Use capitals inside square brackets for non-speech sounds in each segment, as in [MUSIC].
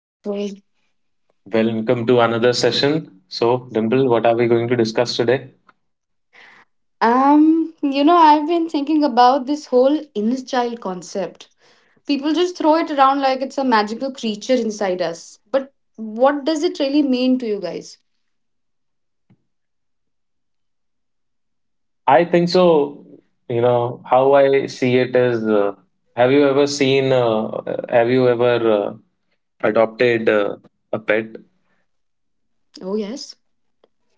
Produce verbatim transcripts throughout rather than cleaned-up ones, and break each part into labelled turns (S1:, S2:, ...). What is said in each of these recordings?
S1: Hi, Praful.
S2: Well, welcome to another session. So, Dimple, what are we going to discuss today?
S1: Um, you know, I've been thinking about this whole inner child concept. People just throw it around like it's a magical creature inside us. But what does it really mean to you guys?
S2: I think so. You know, how I see it is uh, have you ever seen, uh, have you ever uh, adopted uh, a pet?
S1: Oh, yes.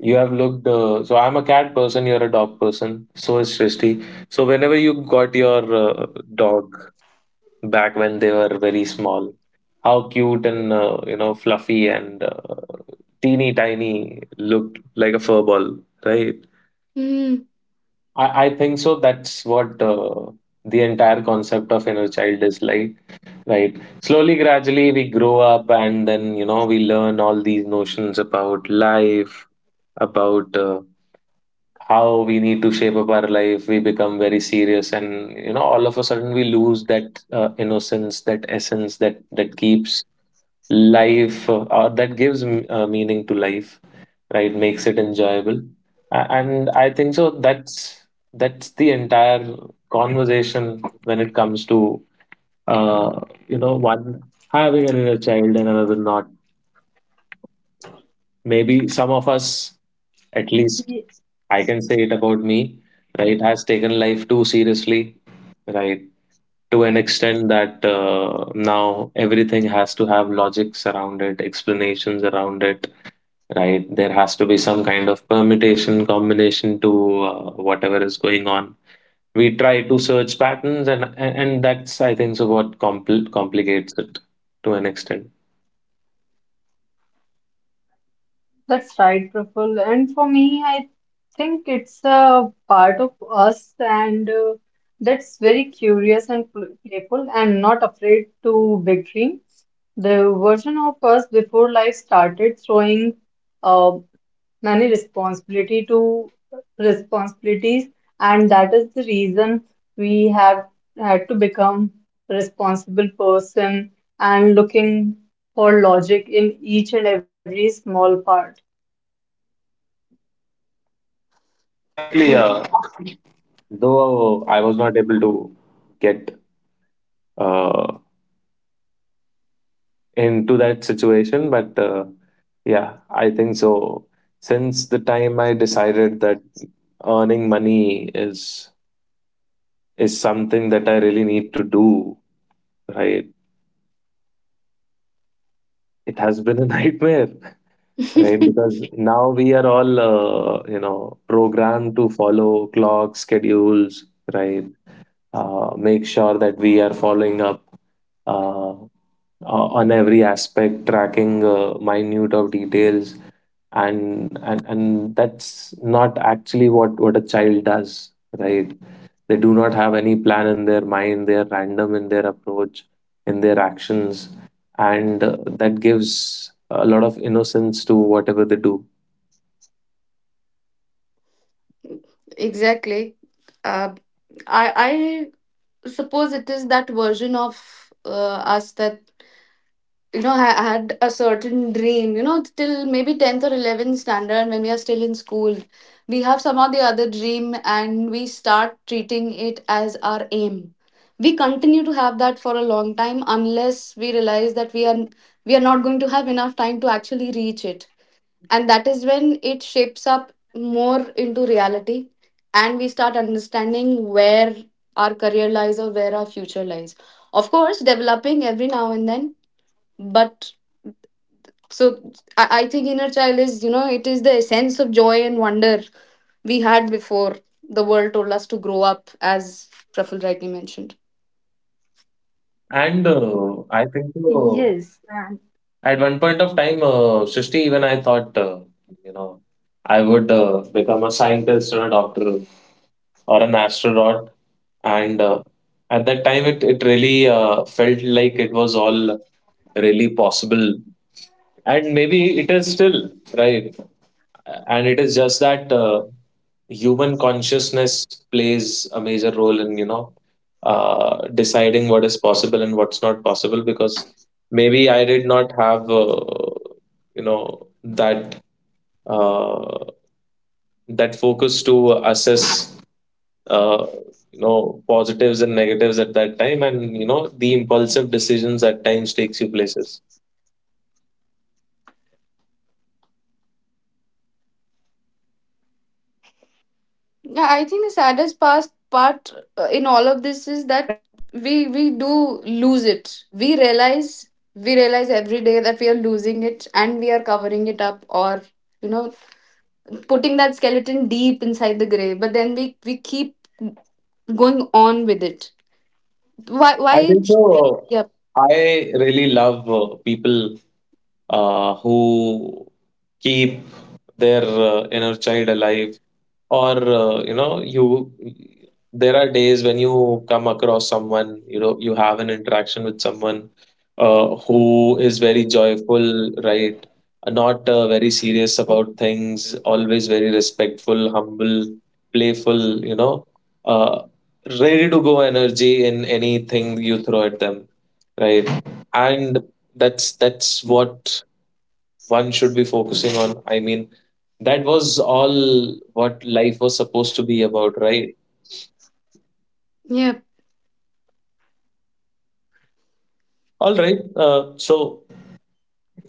S2: You have looked, uh, so I'm a cat person, you're a dog person. So is Srishti. So, whenever you got your uh, dog back when they were very small, how cute and uh, you know fluffy and uh, teeny tiny looked like a fur ball, right?
S1: Hmm.
S2: I, I think so. That's what uh, the entire concept of inner child is like, right? Slowly, gradually, we grow up, and then you know we learn all these notions about life, about uh, how we need to shape up our life. We become very serious and you know all of a sudden we lose that uh, innocence, that essence, that that keeps life uh, or that gives m- uh, meaning to life, right, makes it enjoyable. A- and I think so that's that's the entire conversation when it comes to uh, you know one having an child and another not. Maybe some of us, at
S3: Yes,
S2: least I can say it about me, right, has taken life too seriously, right, to an extent that uh, now everything has to have logics around it, explanations around it, right? There has to be some kind of permutation, combination to uh, whatever is going on. We try to search patterns, and and and that's, I think, so what compl complicates it to an extent.
S3: that's right, Praful. And for me, I think it's a part of us, and uh, that's very curious and pl- playful and not afraid to big dreams. The version of us before life started throwing uh, many responsibility to responsibilities, and that is the reason we have had to become responsible person and looking for logic in each and every small part.
S2: Yeah, exactly. Uh, though I was not able to get uh, into that situation. But uh, yeah, I think so. Since the time I decided that earning money is is something that I really need to do, right? It has been a [LAUGHS] nightmare, right? Because now we are all, uh, you know, programmed to follow clock schedules, right? Uh, make sure that we are following up uh, uh, on every aspect, tracking uh, minute of details. and and and that's not actually what what a child does, right? They do not have any plan in their mind. They are random in their approach, in their actions, and uh, that gives a lot of innocence to whatever they do.
S1: [LAUGHS] Exactly. Uh, I I suppose it is that version of uh, us that you know, I had a certain dream, you know, till maybe tenth or eleventh standard when we are still in school. We have somehow the other dream and we start treating it as our aim. We continue to have that for a long time unless we realize that we are we are not going to have enough time to actually reach it. And that is when it shapes up more into reality, and we start understanding where our career lies or where our future lies. Of course, developing every now and then, but so I, I think inner child is, you know, it is the sense of joy and wonder we had before the world told us to grow up, as Praful rightly mentioned.
S2: And uh, I think
S3: Yes,
S2: uh,
S3: and
S2: at one point of time uh, Srishti, even I thought uh, you know I would uh, become a scientist or a doctor or an astronaut. And uh, at that time it it really uh, felt like it was all really possible. And maybe it is still, right? And it is just that uh, human consciousness plays a major role in you know uh, deciding what is possible and what's not possible. Because maybe I did not have uh, you know that uh, that focus to assess uh, you know positives and negatives at that time. And you know the impulsive decisions at times takes you places.
S1: Yeah, I think the saddest
S3: right,
S1: past
S3: Praful.
S1: part uh, in all of this is that we we do lose it. We realize, we realize every day that we are losing it and we are covering it up, or you know, putting that skeleton deep inside the grave, but then we we keep going on with it. Why why
S2: I think so. uh,
S1: Yep.
S2: I really love uh, people uh, who keep their uh, inner child alive. Or uh, you know, you there are days when you come across someone, you know, you have an interaction with someone uh, who is very joyful, right? Uh, not uh, very serious about things, always very respectful, humble, playful, you know, uh, ready to go energy in anything you throw at them, right? And that's that's what one should be focusing on. I mean, that was all what life was supposed to be about, right?
S1: Yeah.
S2: All right. Uh, so,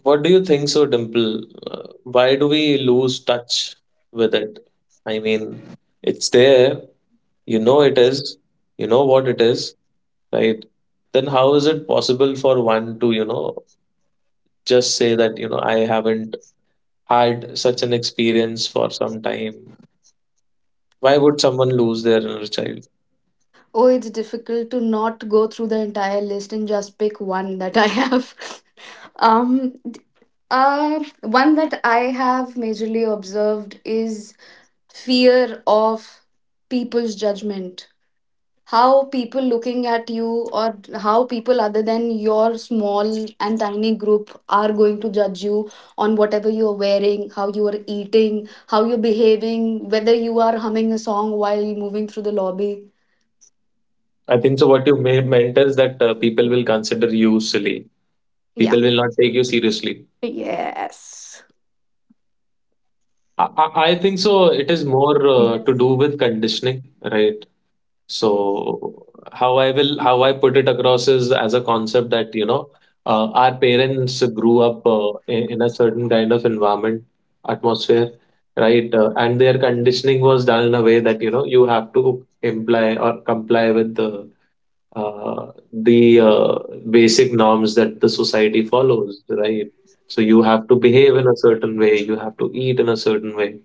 S2: what do you think, so Dimple? Uh, why do we lose touch with it? I mean, it's there. You know it is. You know what it is, right? Then how is it possible for one to, you know, just say that, you know, I haven't had such an experience for some time? Why would someone lose their inner child?
S1: Oh, it's difficult to not go through the entire list and just pick one that I have. [LAUGHS] um, d- uh, One that I have majorly observed is fear of people's judgment. How people looking at you, or how people other than your small and tiny group are going to judge you on whatever you're wearing, how you are eating, how you're behaving, whether you are humming a song while moving through the lobby.
S2: I think so. What you may- meant is that uh, people will consider you silly,
S1: Yeah.
S2: people will not take you seriously.
S1: Yes.
S2: I, I I think so. It is more
S3: Yes,
S2: uh, to do with conditioning, right? So how I will how I put it across is as a concept that you know uh, our parents grew up uh, in, in a certain kind of environment, atmosphere, right? Uh, and their conditioning was done in a way that you know you have to imply or comply with the uh, the uh, basic norms that the society follows, right? So you have to behave in a certain way, you have to eat in a certain way.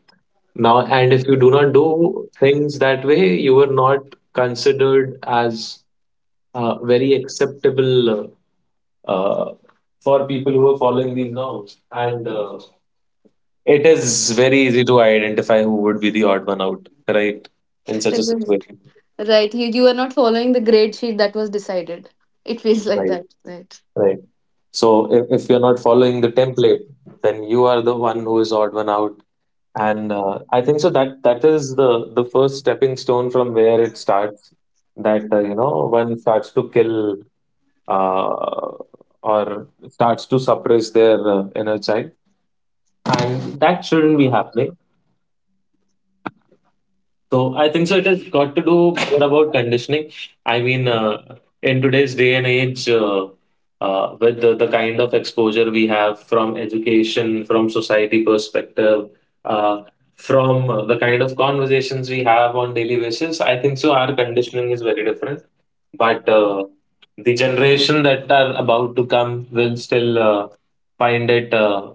S2: Now, and if you do not do things that way, you are not considered as uh, very acceptable uh, uh, for people who are following these norms. And uh, it is very easy to identify who would be the odd one out, right? In such a situation.
S1: Right, you, you are not following the grade sheet that was decided. It feels like
S2: Right,
S1: that, right?
S2: right. So if, if you're not following the template, then you are the one who is odd one out. And uh, I think so that that is the the first stepping stone from where it starts. That uh, you know one starts to kill uh, or starts to suppress their uh, inner child, and that shouldn't be happening. So I think so. It has got to do more about conditioning. I mean, uh, in today's day and age, uh, uh, with the, the kind of exposure we have from education, from society perspective, uh, from uh, the kind of conversations we have on daily basis, I think so. Our conditioning is very different, but uh, the generation that are about to come will still uh, find it, uh,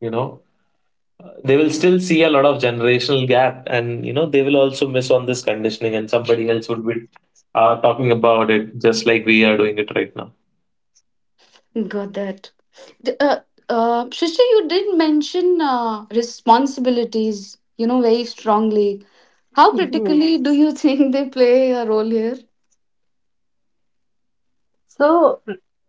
S2: you know, they will still see a lot of generational gap and you know they will also miss on this conditioning and somebody else would be uh, talking about it just like we are doing it right now.
S1: Got that. D- Uh, uh, Shristi, you did mention uh, responsibilities, you know, very strongly. How
S3: yes.
S1: critically do you [LAUGHS] think they play a role here?
S3: So,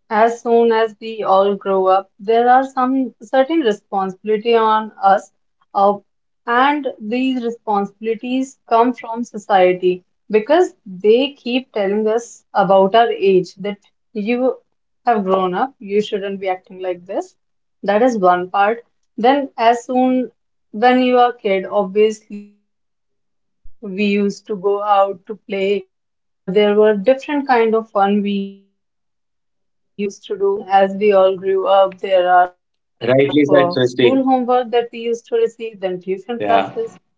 S3: as soon as we all grow up, there are some certain responsibility on us, uh, and these responsibilities come from society because they keep telling us about our age that you have grown up, you shouldn't be acting like this. That is one part. Then, as soon when you are kid, obviously there are, we used to go out to play, uh, there were different kind of fun we used to do. As soon as we all grew up, there are lots of
S2: Rightly said,
S3: uh,
S2: Srishti.
S3: school homework that we used to receive, then tuition
S2: Yeah,
S3: classes.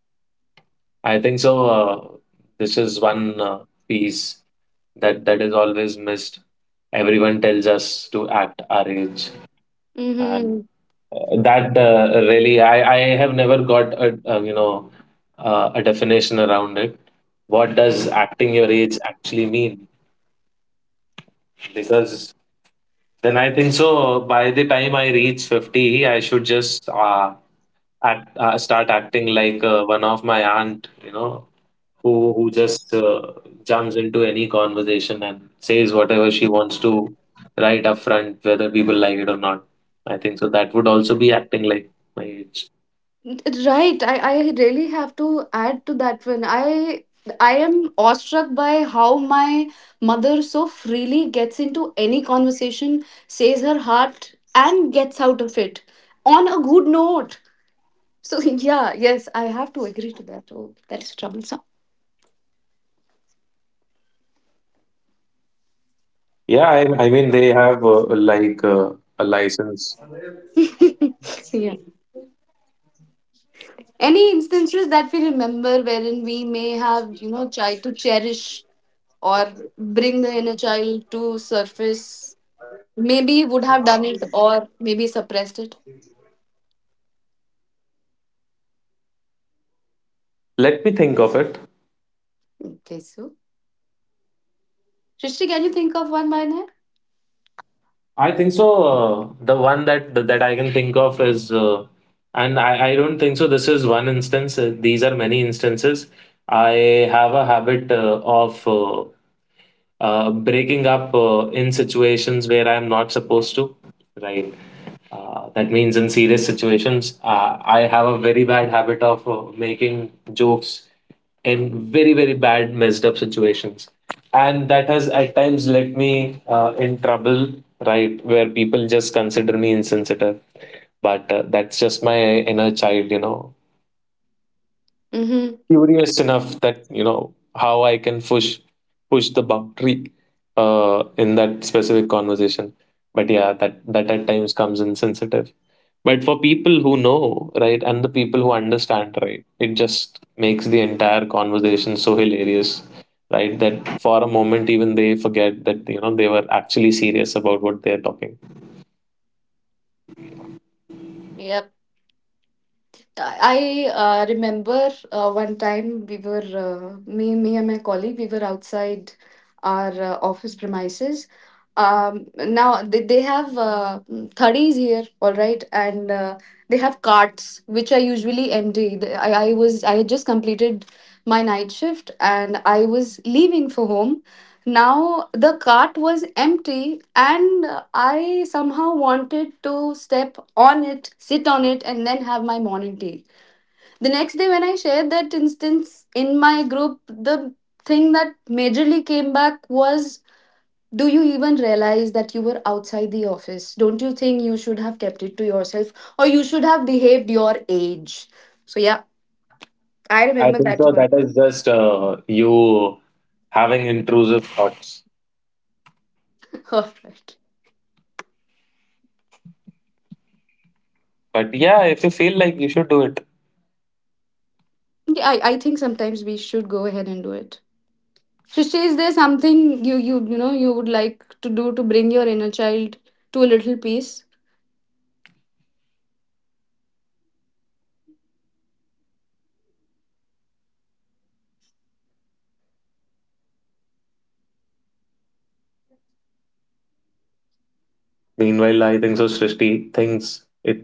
S2: I think so. Uh, this is one uh, piece that that is always missed. Everyone tells us to act our age. And
S1: Mm-hmm.
S2: uh, that uh, really, I, I have never got a, a you know uh, a definition around it. What does acting your age actually mean? Because then I think so. By the time I reach fifty, I should just uh, act, uh, start acting like uh, one of my aunt, you know, who who just uh, jumps into any conversation and says whatever she wants to, right up front, whether people like it or not. I think so. That would also be acting like my age.
S1: Right, I, I really have to add to that one. I I am awestruck by how my mother so freely gets into any conversation, says her heart, and gets out of it on a good note. So [LAUGHS] yeah, yes, I have to agree to that. Oh, that is troublesome.
S2: Yeah, I, I mean, they have uh, like uh, a license.
S1: [LAUGHS] Yeah. Any instances that we remember wherein we may have, you know, tried to cherish or bring the inner child to surface? Maybe would have done it or maybe suppressed it.
S2: Let me think of it.
S1: Okay, so Srishti, can you think of one by name?
S2: I think so. Uh, the one that that I can think of is, uh, and I, I don't think so. This is one instance. Uh, these are many instances. I have a habit uh, of uh, uh, breaking up uh, in situations where I'm not supposed to, right? Uh, that means in serious situations, uh, I have a very bad habit of uh, making jokes in very, very bad, messed up situations. And that has at times led me uh, in trouble, right? Where people just consider me insensitive. But uh, that's just my inner child, you know,
S1: Mm-hmm.
S2: curious enough that you know how I can push push the boundary uh, in that specific conversation. But yeah, that that at times comes insensitive. But for people who know, right, and the people who understand, right, it just makes the entire conversation so hilarious, right, that for a moment even they forget that you know they were actually serious about what they're talking.
S1: Yep. I uh, remember uh, one time we were uh, me me and my colleague, we were outside our uh, office premises. Um, now they, they have uh, thirties here, all right, and uh, they have carts which are usually empty. The- I, I was I had just completed my night shift and I was leaving for home. Now the cart was empty, and I somehow wanted to step on it, sit on it, and then have my morning tea the next day. When I shared that instance in my group, the thing that majorly came back was, do you even realize that you were outside the office? Don't you think you should have kept it to yourself or you should have behaved your age? So, yeah, I
S2: I
S1: remember
S2: think
S1: that
S2: so. That
S1: one.
S2: is just uh, you having intrusive thoughts.
S1: [LAUGHS] All right.
S2: But yeah, if you feel like you should do it.
S1: Yeah, I, I think sometimes we should go ahead and do it. Srishti, is there something you you you know you would like to do to bring your inner child to a little peace?
S2: Meanwhile, I think so. Srishti thinks it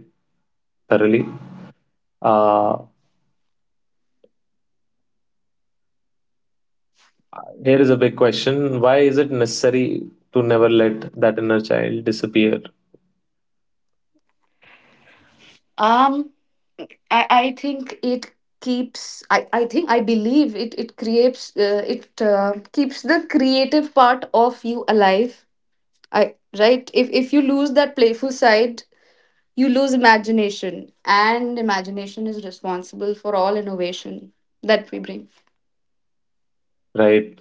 S2: thoroughly. Uh, Here is a big question: why is it necessary to never let that inner child disappear?
S1: Um, I, I think it keeps I, I think I believe it it creates uh, it uh, keeps the creative part of you alive. I right, if if you lose that playful side, you lose imagination, and imagination is responsible for all innovation that we bring.
S2: Right?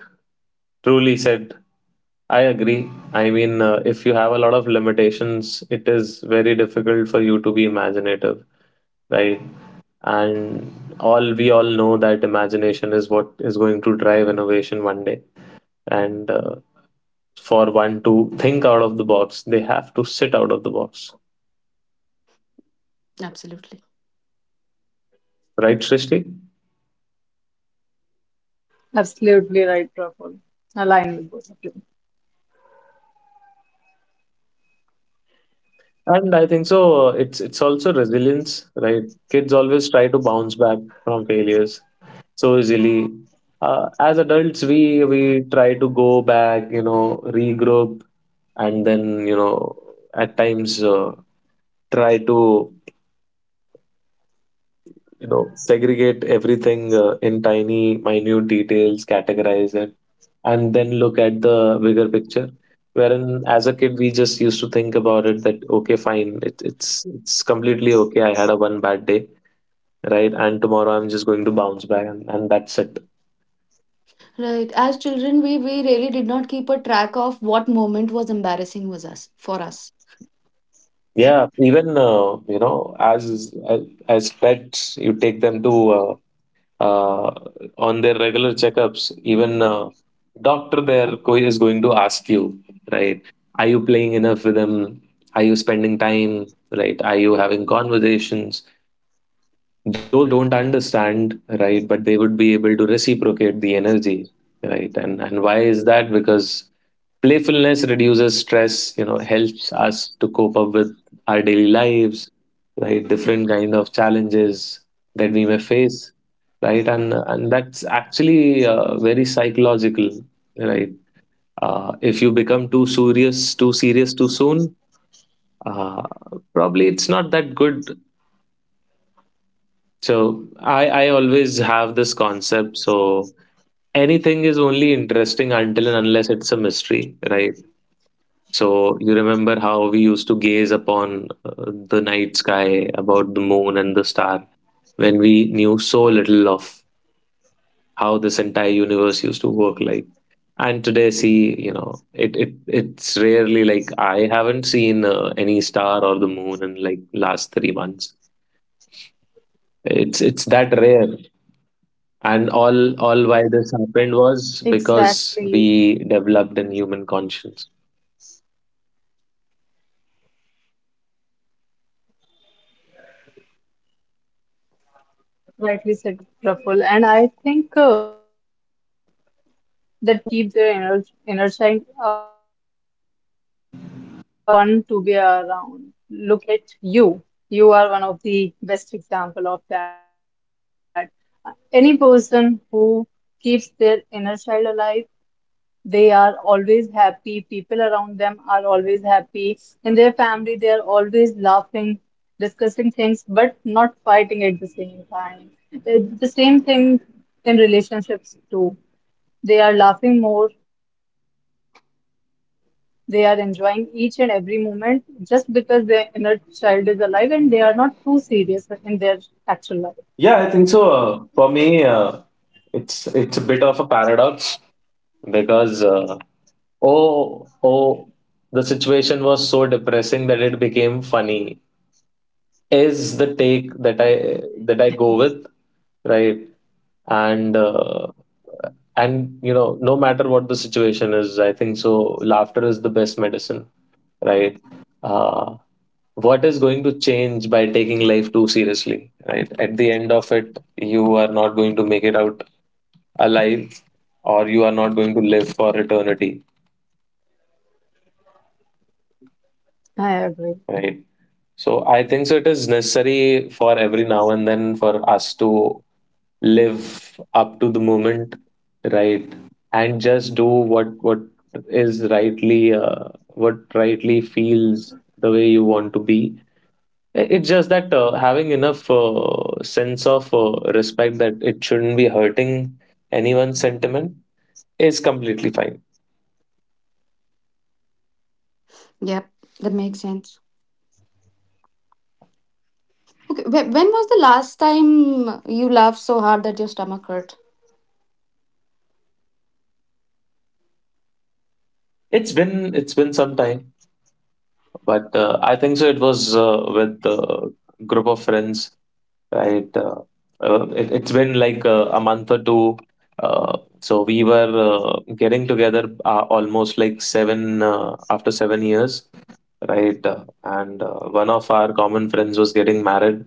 S2: Truly said. I agree. I mean, uh, if you have a lot of limitations, it is very difficult for you to be imaginative, right? And all we all know that imagination is what is going to drive innovation one day. And uh, for one to think out of the box, they have to sit out of the box,
S1: Absolutely
S2: right, Srishti?
S3: Absolutely right, Praful. Align with both of you.
S2: And I think so. uh, It's it's also resilience, right? Kids always try to bounce back from failures so easily. Uh, as adults, we we try to go back, you know, regroup, and then you know, at times uh, try to you know segregate everything uh, in tiny minute details, categorize it, and then look at the bigger picture. Wherein as a kid we just used to think about it that okay fine, it, it's it's completely okay, I had a one bad day, right, and tomorrow I'm just going to bounce back, and, and that's it.
S1: right. As children, we we really did not keep a track of what moment was embarrassing was us for us.
S2: Yeah, even uh, you know as as as pets, you take them to uh, uh, on their regular checkups, even uh, doctor there go- is going to ask you, right? Are you playing enough with them? Are you spending time? Right? Are you having conversations? Though they don't understand, right? But they would be able to reciprocate the energy, right? And and why is that? Because playfulness reduces stress, you know helps us to cope up with our daily lives, right? Different kind of challenges that we may face, right? And and that's actually uh, very psychological, right. Uh, if you become too serious, too serious too soon, uh, probably it's not that good. So i i always have this concept. So anything is only interesting until and unless it's a mystery, right? So you remember how we used to gaze upon uh, the night sky, about the moon and the star, when we knew so little of how this entire universe used to work like. And today, see, you know, it, it it's rarely like I haven't seen uh, any star or the moon in like last three months. It's it's that rare, and all all why this happened was because
S3: Exactly,
S2: we developed a human conscience.
S3: rightly said, Praful. And I think uh, that people who keep their inner, inner child al- alive are more fun to be around. Look at you. You are one of the best example of that. Any person who keeps their inner child alive, they are always happy. People around them are always happy. In their family, they are always laughing, discussing things, but not fighting at the same time. It's the same thing in relationships too, they are laughing more. They are enjoying each and every moment just because their inner child is alive and they are not too serious in their actual life.
S2: Yeah, I think so. Uh, for me, uh, it's it's a bit of a paradox, because uh, oh oh the situation was so depressing that it became funny is the take that I that I go with, right? And uh, and you know no matter what the situation is, I think so. Laughter is the best medicine, right? Uh, what is going to change by taking life too seriously? Right? At the end of it, you are not going to make it out alive, or you are not going to live for eternity, right?
S3: I agree. [LAUGHS]
S2: So I think so it is necessary for every now and then for us to live up to the moment, right? And just do what what is rightly uh, what rightly feels the way you want to be. I- It's just that uh, having enough uh, sense of uh, respect that it shouldn't be hurting anyone's sentiment is completely fine.
S1: Yep. That makes sense. Okay, Wh- When was the last time you laughed so hard that your stomach hurt?
S2: It's been it's been some time, but uh, I think so. It was uh, with a group of friends, right? Uh, uh, it, it's been like uh, a month or two. Uh, so we were uh, getting together uh, almost like seven uh, after seven years, right? Uh, and uh, One of our common friends was getting married.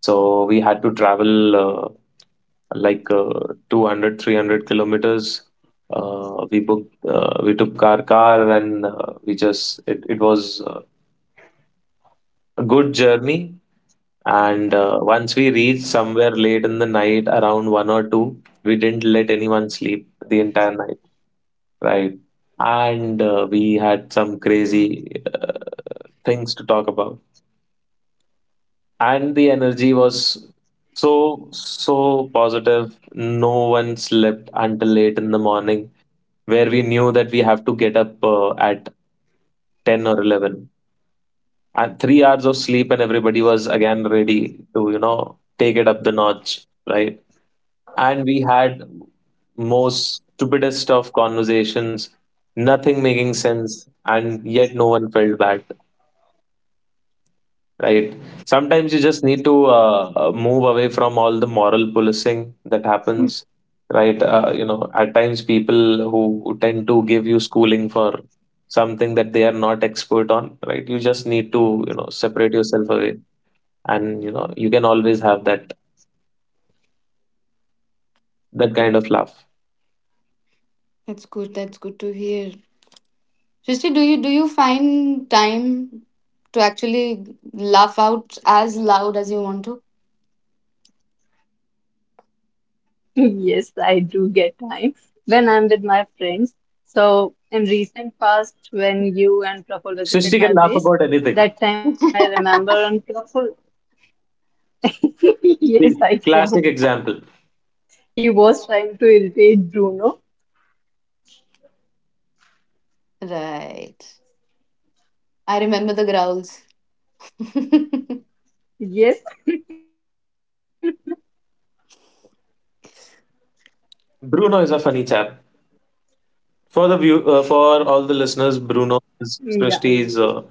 S2: So we had to travel uh, like uh, two hundred kilometers. Uh, we booked, uh, we took our car, and uh, we just, it, it was uh, a good journey. And uh, once we reached somewhere late in the night, around one or two, we didn't let anyone sleep the entire night, right? And uh, we had some crazy uh, things to talk about. And the energy was so, so positive. No one slept until late in the morning, where we knew that we have to get up uh, at ten or eleven, and three hours of sleep, and everybody was again ready to, you know take it up the notch, right? And we had most stupidest of conversations, nothing making sense, and yet no one felt bad, right? Sometimes you just need to uh, uh, move away from all the moral policing that happens, right. Uh, you know at times, people who who tend to give you schooling for something that they are not expert on, right? You just need to, you know separate yourself away, and you know you can always have that that kind of laugh.
S1: That's good. That's good to hear. Srishti, do you do you find time to actually laugh out as loud as you want to?
S3: Yes, I do get time when I'm with my friends. So in recent past, when you and Praful visited
S2: Srishti can
S3: my
S2: laugh
S3: place,
S2: about anything.
S3: that time I
S1: [LAUGHS]
S3: remember on Praful. [LAUGHS] Yes,
S2: The
S3: I can.
S2: classic example.
S3: He was trying to irritate Bruno.
S1: Right. I remember the growls. [LAUGHS]
S3: Yes,
S2: Bruno is a funny chap. For the view, uh, for all the listeners, Bruno is
S3: yeah,
S2: Christie's uh,
S3: yes.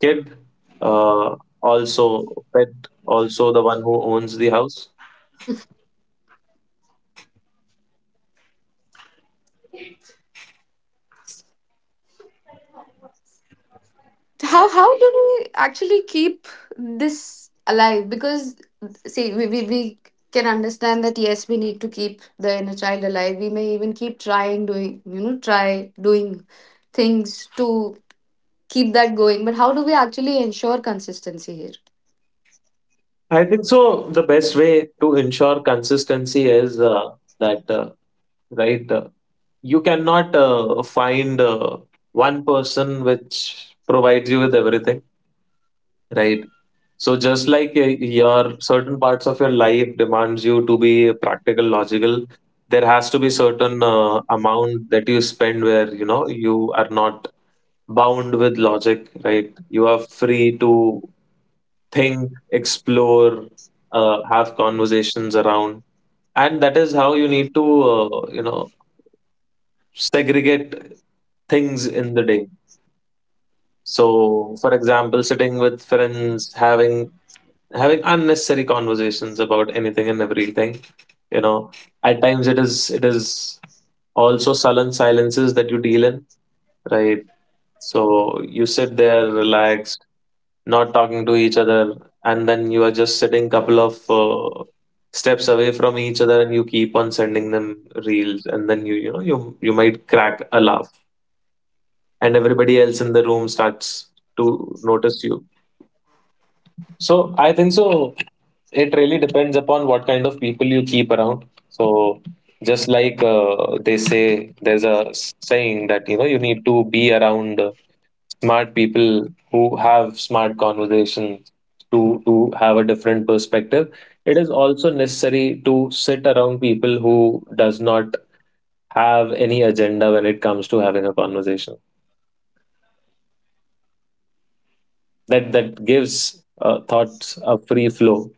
S2: kid, uh, also pet, also the one who owns the house.
S1: how how do we actually keep this alive, because see we, we, we can understand that yes, we need to keep the inner child alive. We may even keep trying doing, you know, try doing things to keep that going, but how do we actually ensure consistency here?
S2: I think so. The best way to ensure consistency is uh, that uh, right. Uh, you cannot uh, find uh, one person which provides you with everything, right. So just like, uh, your certain parts of your life demands you to be practical, logical, there has to be certain uh, amount that you spend where, you know you are not bound with logic, right? You are free to think, explore, uh, have conversations around, and that is how you need to, uh, you know segregate things in the day. So for example, sitting with friends, having having unnecessary conversations about anything and everything, you know at times it is it is also sullen silences that you deal in, right? So you sit there relaxed, not talking to each other, and then you are just sitting couple of uh, steps away from each other, and you keep on sending them reels, and then you you know you you might crack a laugh, and everybody else in the room starts to notice you. So I think so. It really depends upon what kind of people you keep around. So just like uh, they say, there's a saying that, you know you need to be around uh, smart people who have smart conversations, to to have a different perspective. It is also necessary to sit around people who does not have any agenda when it comes to having a conversation. That that gives uh, thoughts a free flow.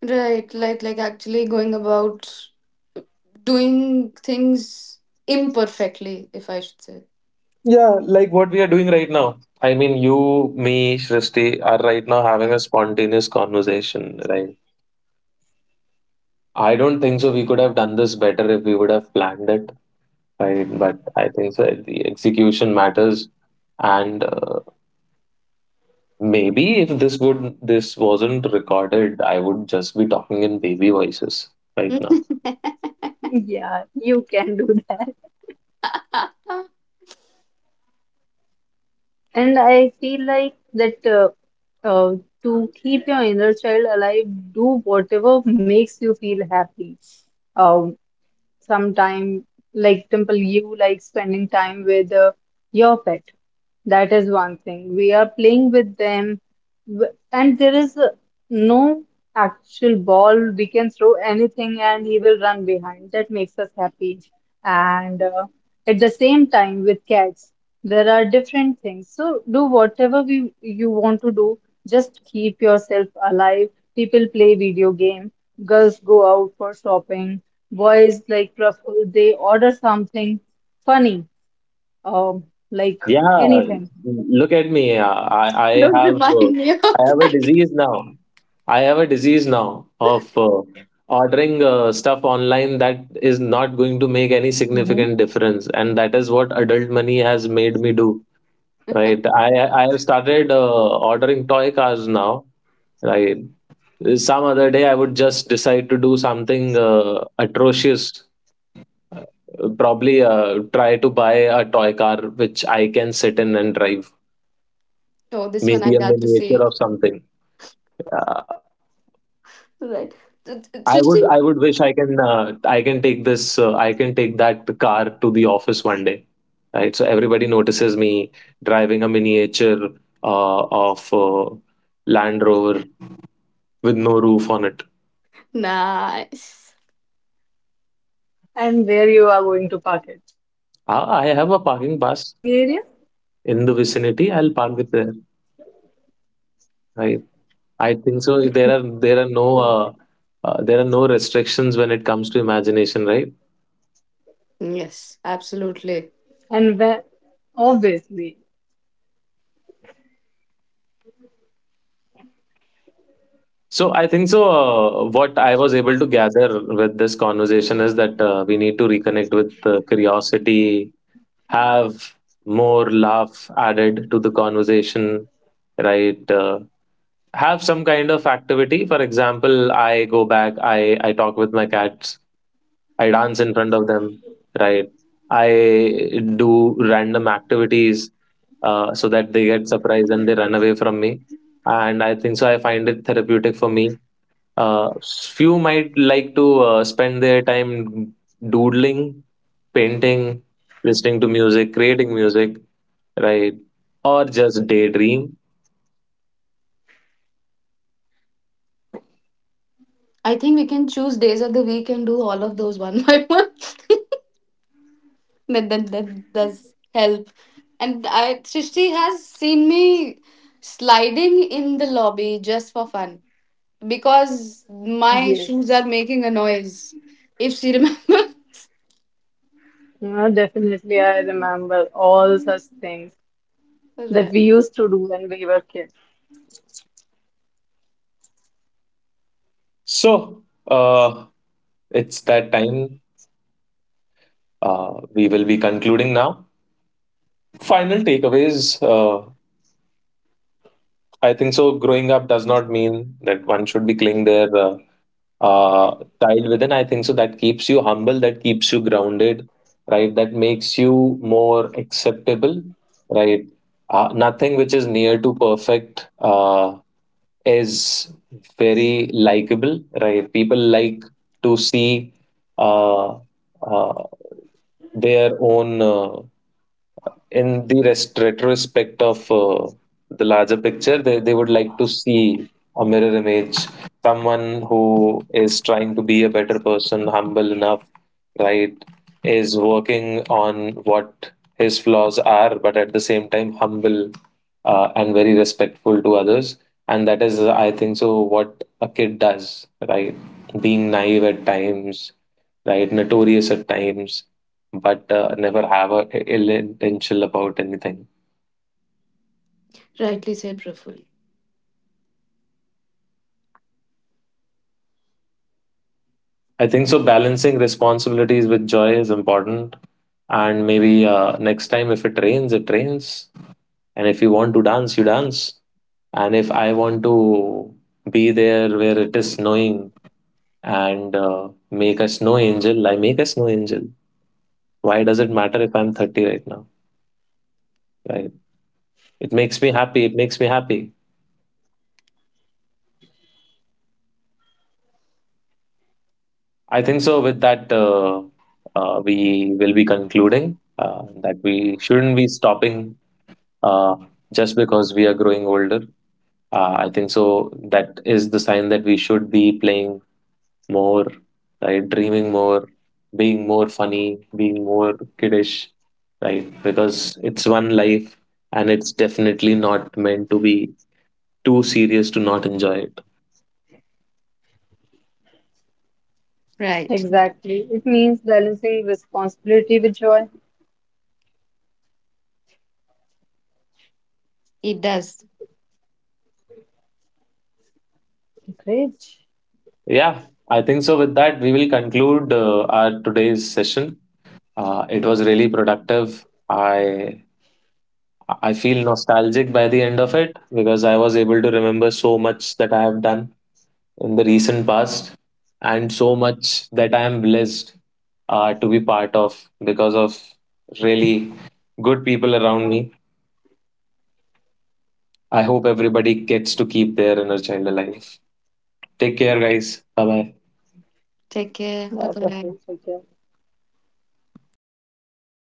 S1: Right, like like actually going about doing things imperfectly, if I should say.
S2: Yeah, like what we are doing right now. I mean, you, me, Shrishti are right now having a spontaneous conversation, right? I don't think so. We could have done this better if we would have planned it, right? But I think so. The execution matters, and uh, maybe if this would this wasn't recorded, I would just be talking in baby voices right now.
S1: [LAUGHS]
S3: [LAUGHS] Yeah, you can do that. And I feel like that uh, uh, to keep your inner child alive, do whatever makes you feel happy. Um, some time like Dimple, you like spending time with uh, your pet. That is one thing. We are playing with them, w- and there is uh, no actual ball. We can throw anything, and he will run behind. That makes us happy. And uh, at the same time, with cats, there are different things. So do whatever we you want to do. Just keep yourself alive. People play video game. Girls go out for shopping, boys like Ruffles, they order something funny, um, like
S2: Yeah,
S3: anything.
S2: look at me. I I
S1: Don't
S2: have uh,
S1: remind me of
S2: I have a
S1: that.
S2: disease now. I have a disease now of uh, ordering uh, stuff online that
S3: Hmm.
S2: is not going to make any significant difference, and that is what adult money has made me do. Right? I I have started uh, ordering toy cars now. Right? Some other day I would just decide to do something uh, atrocious. Probably uh, try to buy a toy car which I can sit in and drive.
S1: Oh, this one I
S2: Maybe a
S1: got to say.
S2: miniature of something.
S1: Right.
S2: I would
S1: It's
S2: I would wish I
S1: interesting.
S2: can uh, I can take this uh, I can take that car to the office one day, right? So everybody notices me driving a miniature uh, of uh, Land Rover with no roof on it.
S1: Nice.
S3: And where you are going to park it?
S2: I,
S3: In
S2: I have
S3: parking
S2: a
S3: area.
S2: parking pass in the vicinity. I'll park it there, right? I think so. There are there are no
S3: Perfect.
S2: uh, uh, there are no restrictions when it comes to imagination, right?
S1: Yes, absolutely.
S3: And where, obviously,
S2: So I think so. Uh, what I was able to gather with this conversation is that uh, we need to reconnect with uh, curiosity, have more laugh added to the conversation, right? Uh, have some kind of activity. For example, I go back, I I talk with my cats, I dance in front of them, right? I do random activities uh, so that they get surprised and they run away from me. And I think so. I find it therapeutic for me. uh, Few might like to uh, spend their time doodling, painting, listening to music, creating music, right? Or just daydream.
S1: I think we can choose days of the week and do all of those one by [LAUGHS] one. That, that that does help. And I, Srishti has seen me sliding in the lobby just for fun because my
S3: yes,
S1: shoes are making a noise. If she remembers. [LAUGHS]
S3: you know, definitely I remember all such things that
S1: Right.
S3: we used to do when we were kids.
S2: So, uh, it's that time. Uh, we will be concluding now. Final takeaways. Uh, I think so. Growing up does not mean that one should be killing their uh, uh, child within. I think so that keeps you humble, that keeps you grounded, right? That makes you more acceptable, right? Uh, nothing which is near to perfect uh, is very likable, right? People like to see uh, uh, their own. Uh, in the rest retrospect of uh, the larger picture, they, they would like to see a mirror image, someone who is trying to be a better person, humble enough, right, is working on what his flaws are, but at the same time humble, uh, and very respectful to others. And that is, I think so, what a kid does, right? Being naive at times, right, notorious at times, but uh, never have a ill intention about anything.
S1: Rightly said, Praful.
S2: I think so. Balancing responsibilities with joy is important, and maybe uh, next time, if it rains, it rains, and if you want to dance, you dance, and if I want to be there where it is snowing, and uh, make a snow angel, I make a snow angel. Why does it matter if I'm thirty right now? Right? It makes me happy. It makes me happy. I think so. With that, uh, uh, we will be concluding uh, that we shouldn't be stopping uh, just because we are growing older. Uh, I think so. That is the sign that we should be playing more, right? Dreaming more, being more funny, being more kiddish, right? Because it's one life, and it's definitely not meant to be too serious to not enjoy it.
S1: Right.
S3: Exactly, it means balancing responsibility with joy.
S1: It does.
S3: Great.
S2: Yeah, I think so. With that, we will conclude uh, our today's session. Uh, it was really productive. I I feel nostalgic by the end of it, because I was able to remember so much that I have done in the recent past, and so much that I am blessed uh, to be part of, because of really good people around me. I hope everybody gets to keep their inner child alive. Take care, guys. Bye bye.
S1: Take care. Bye
S3: Lot
S1: bye.
S3: of things. Okay.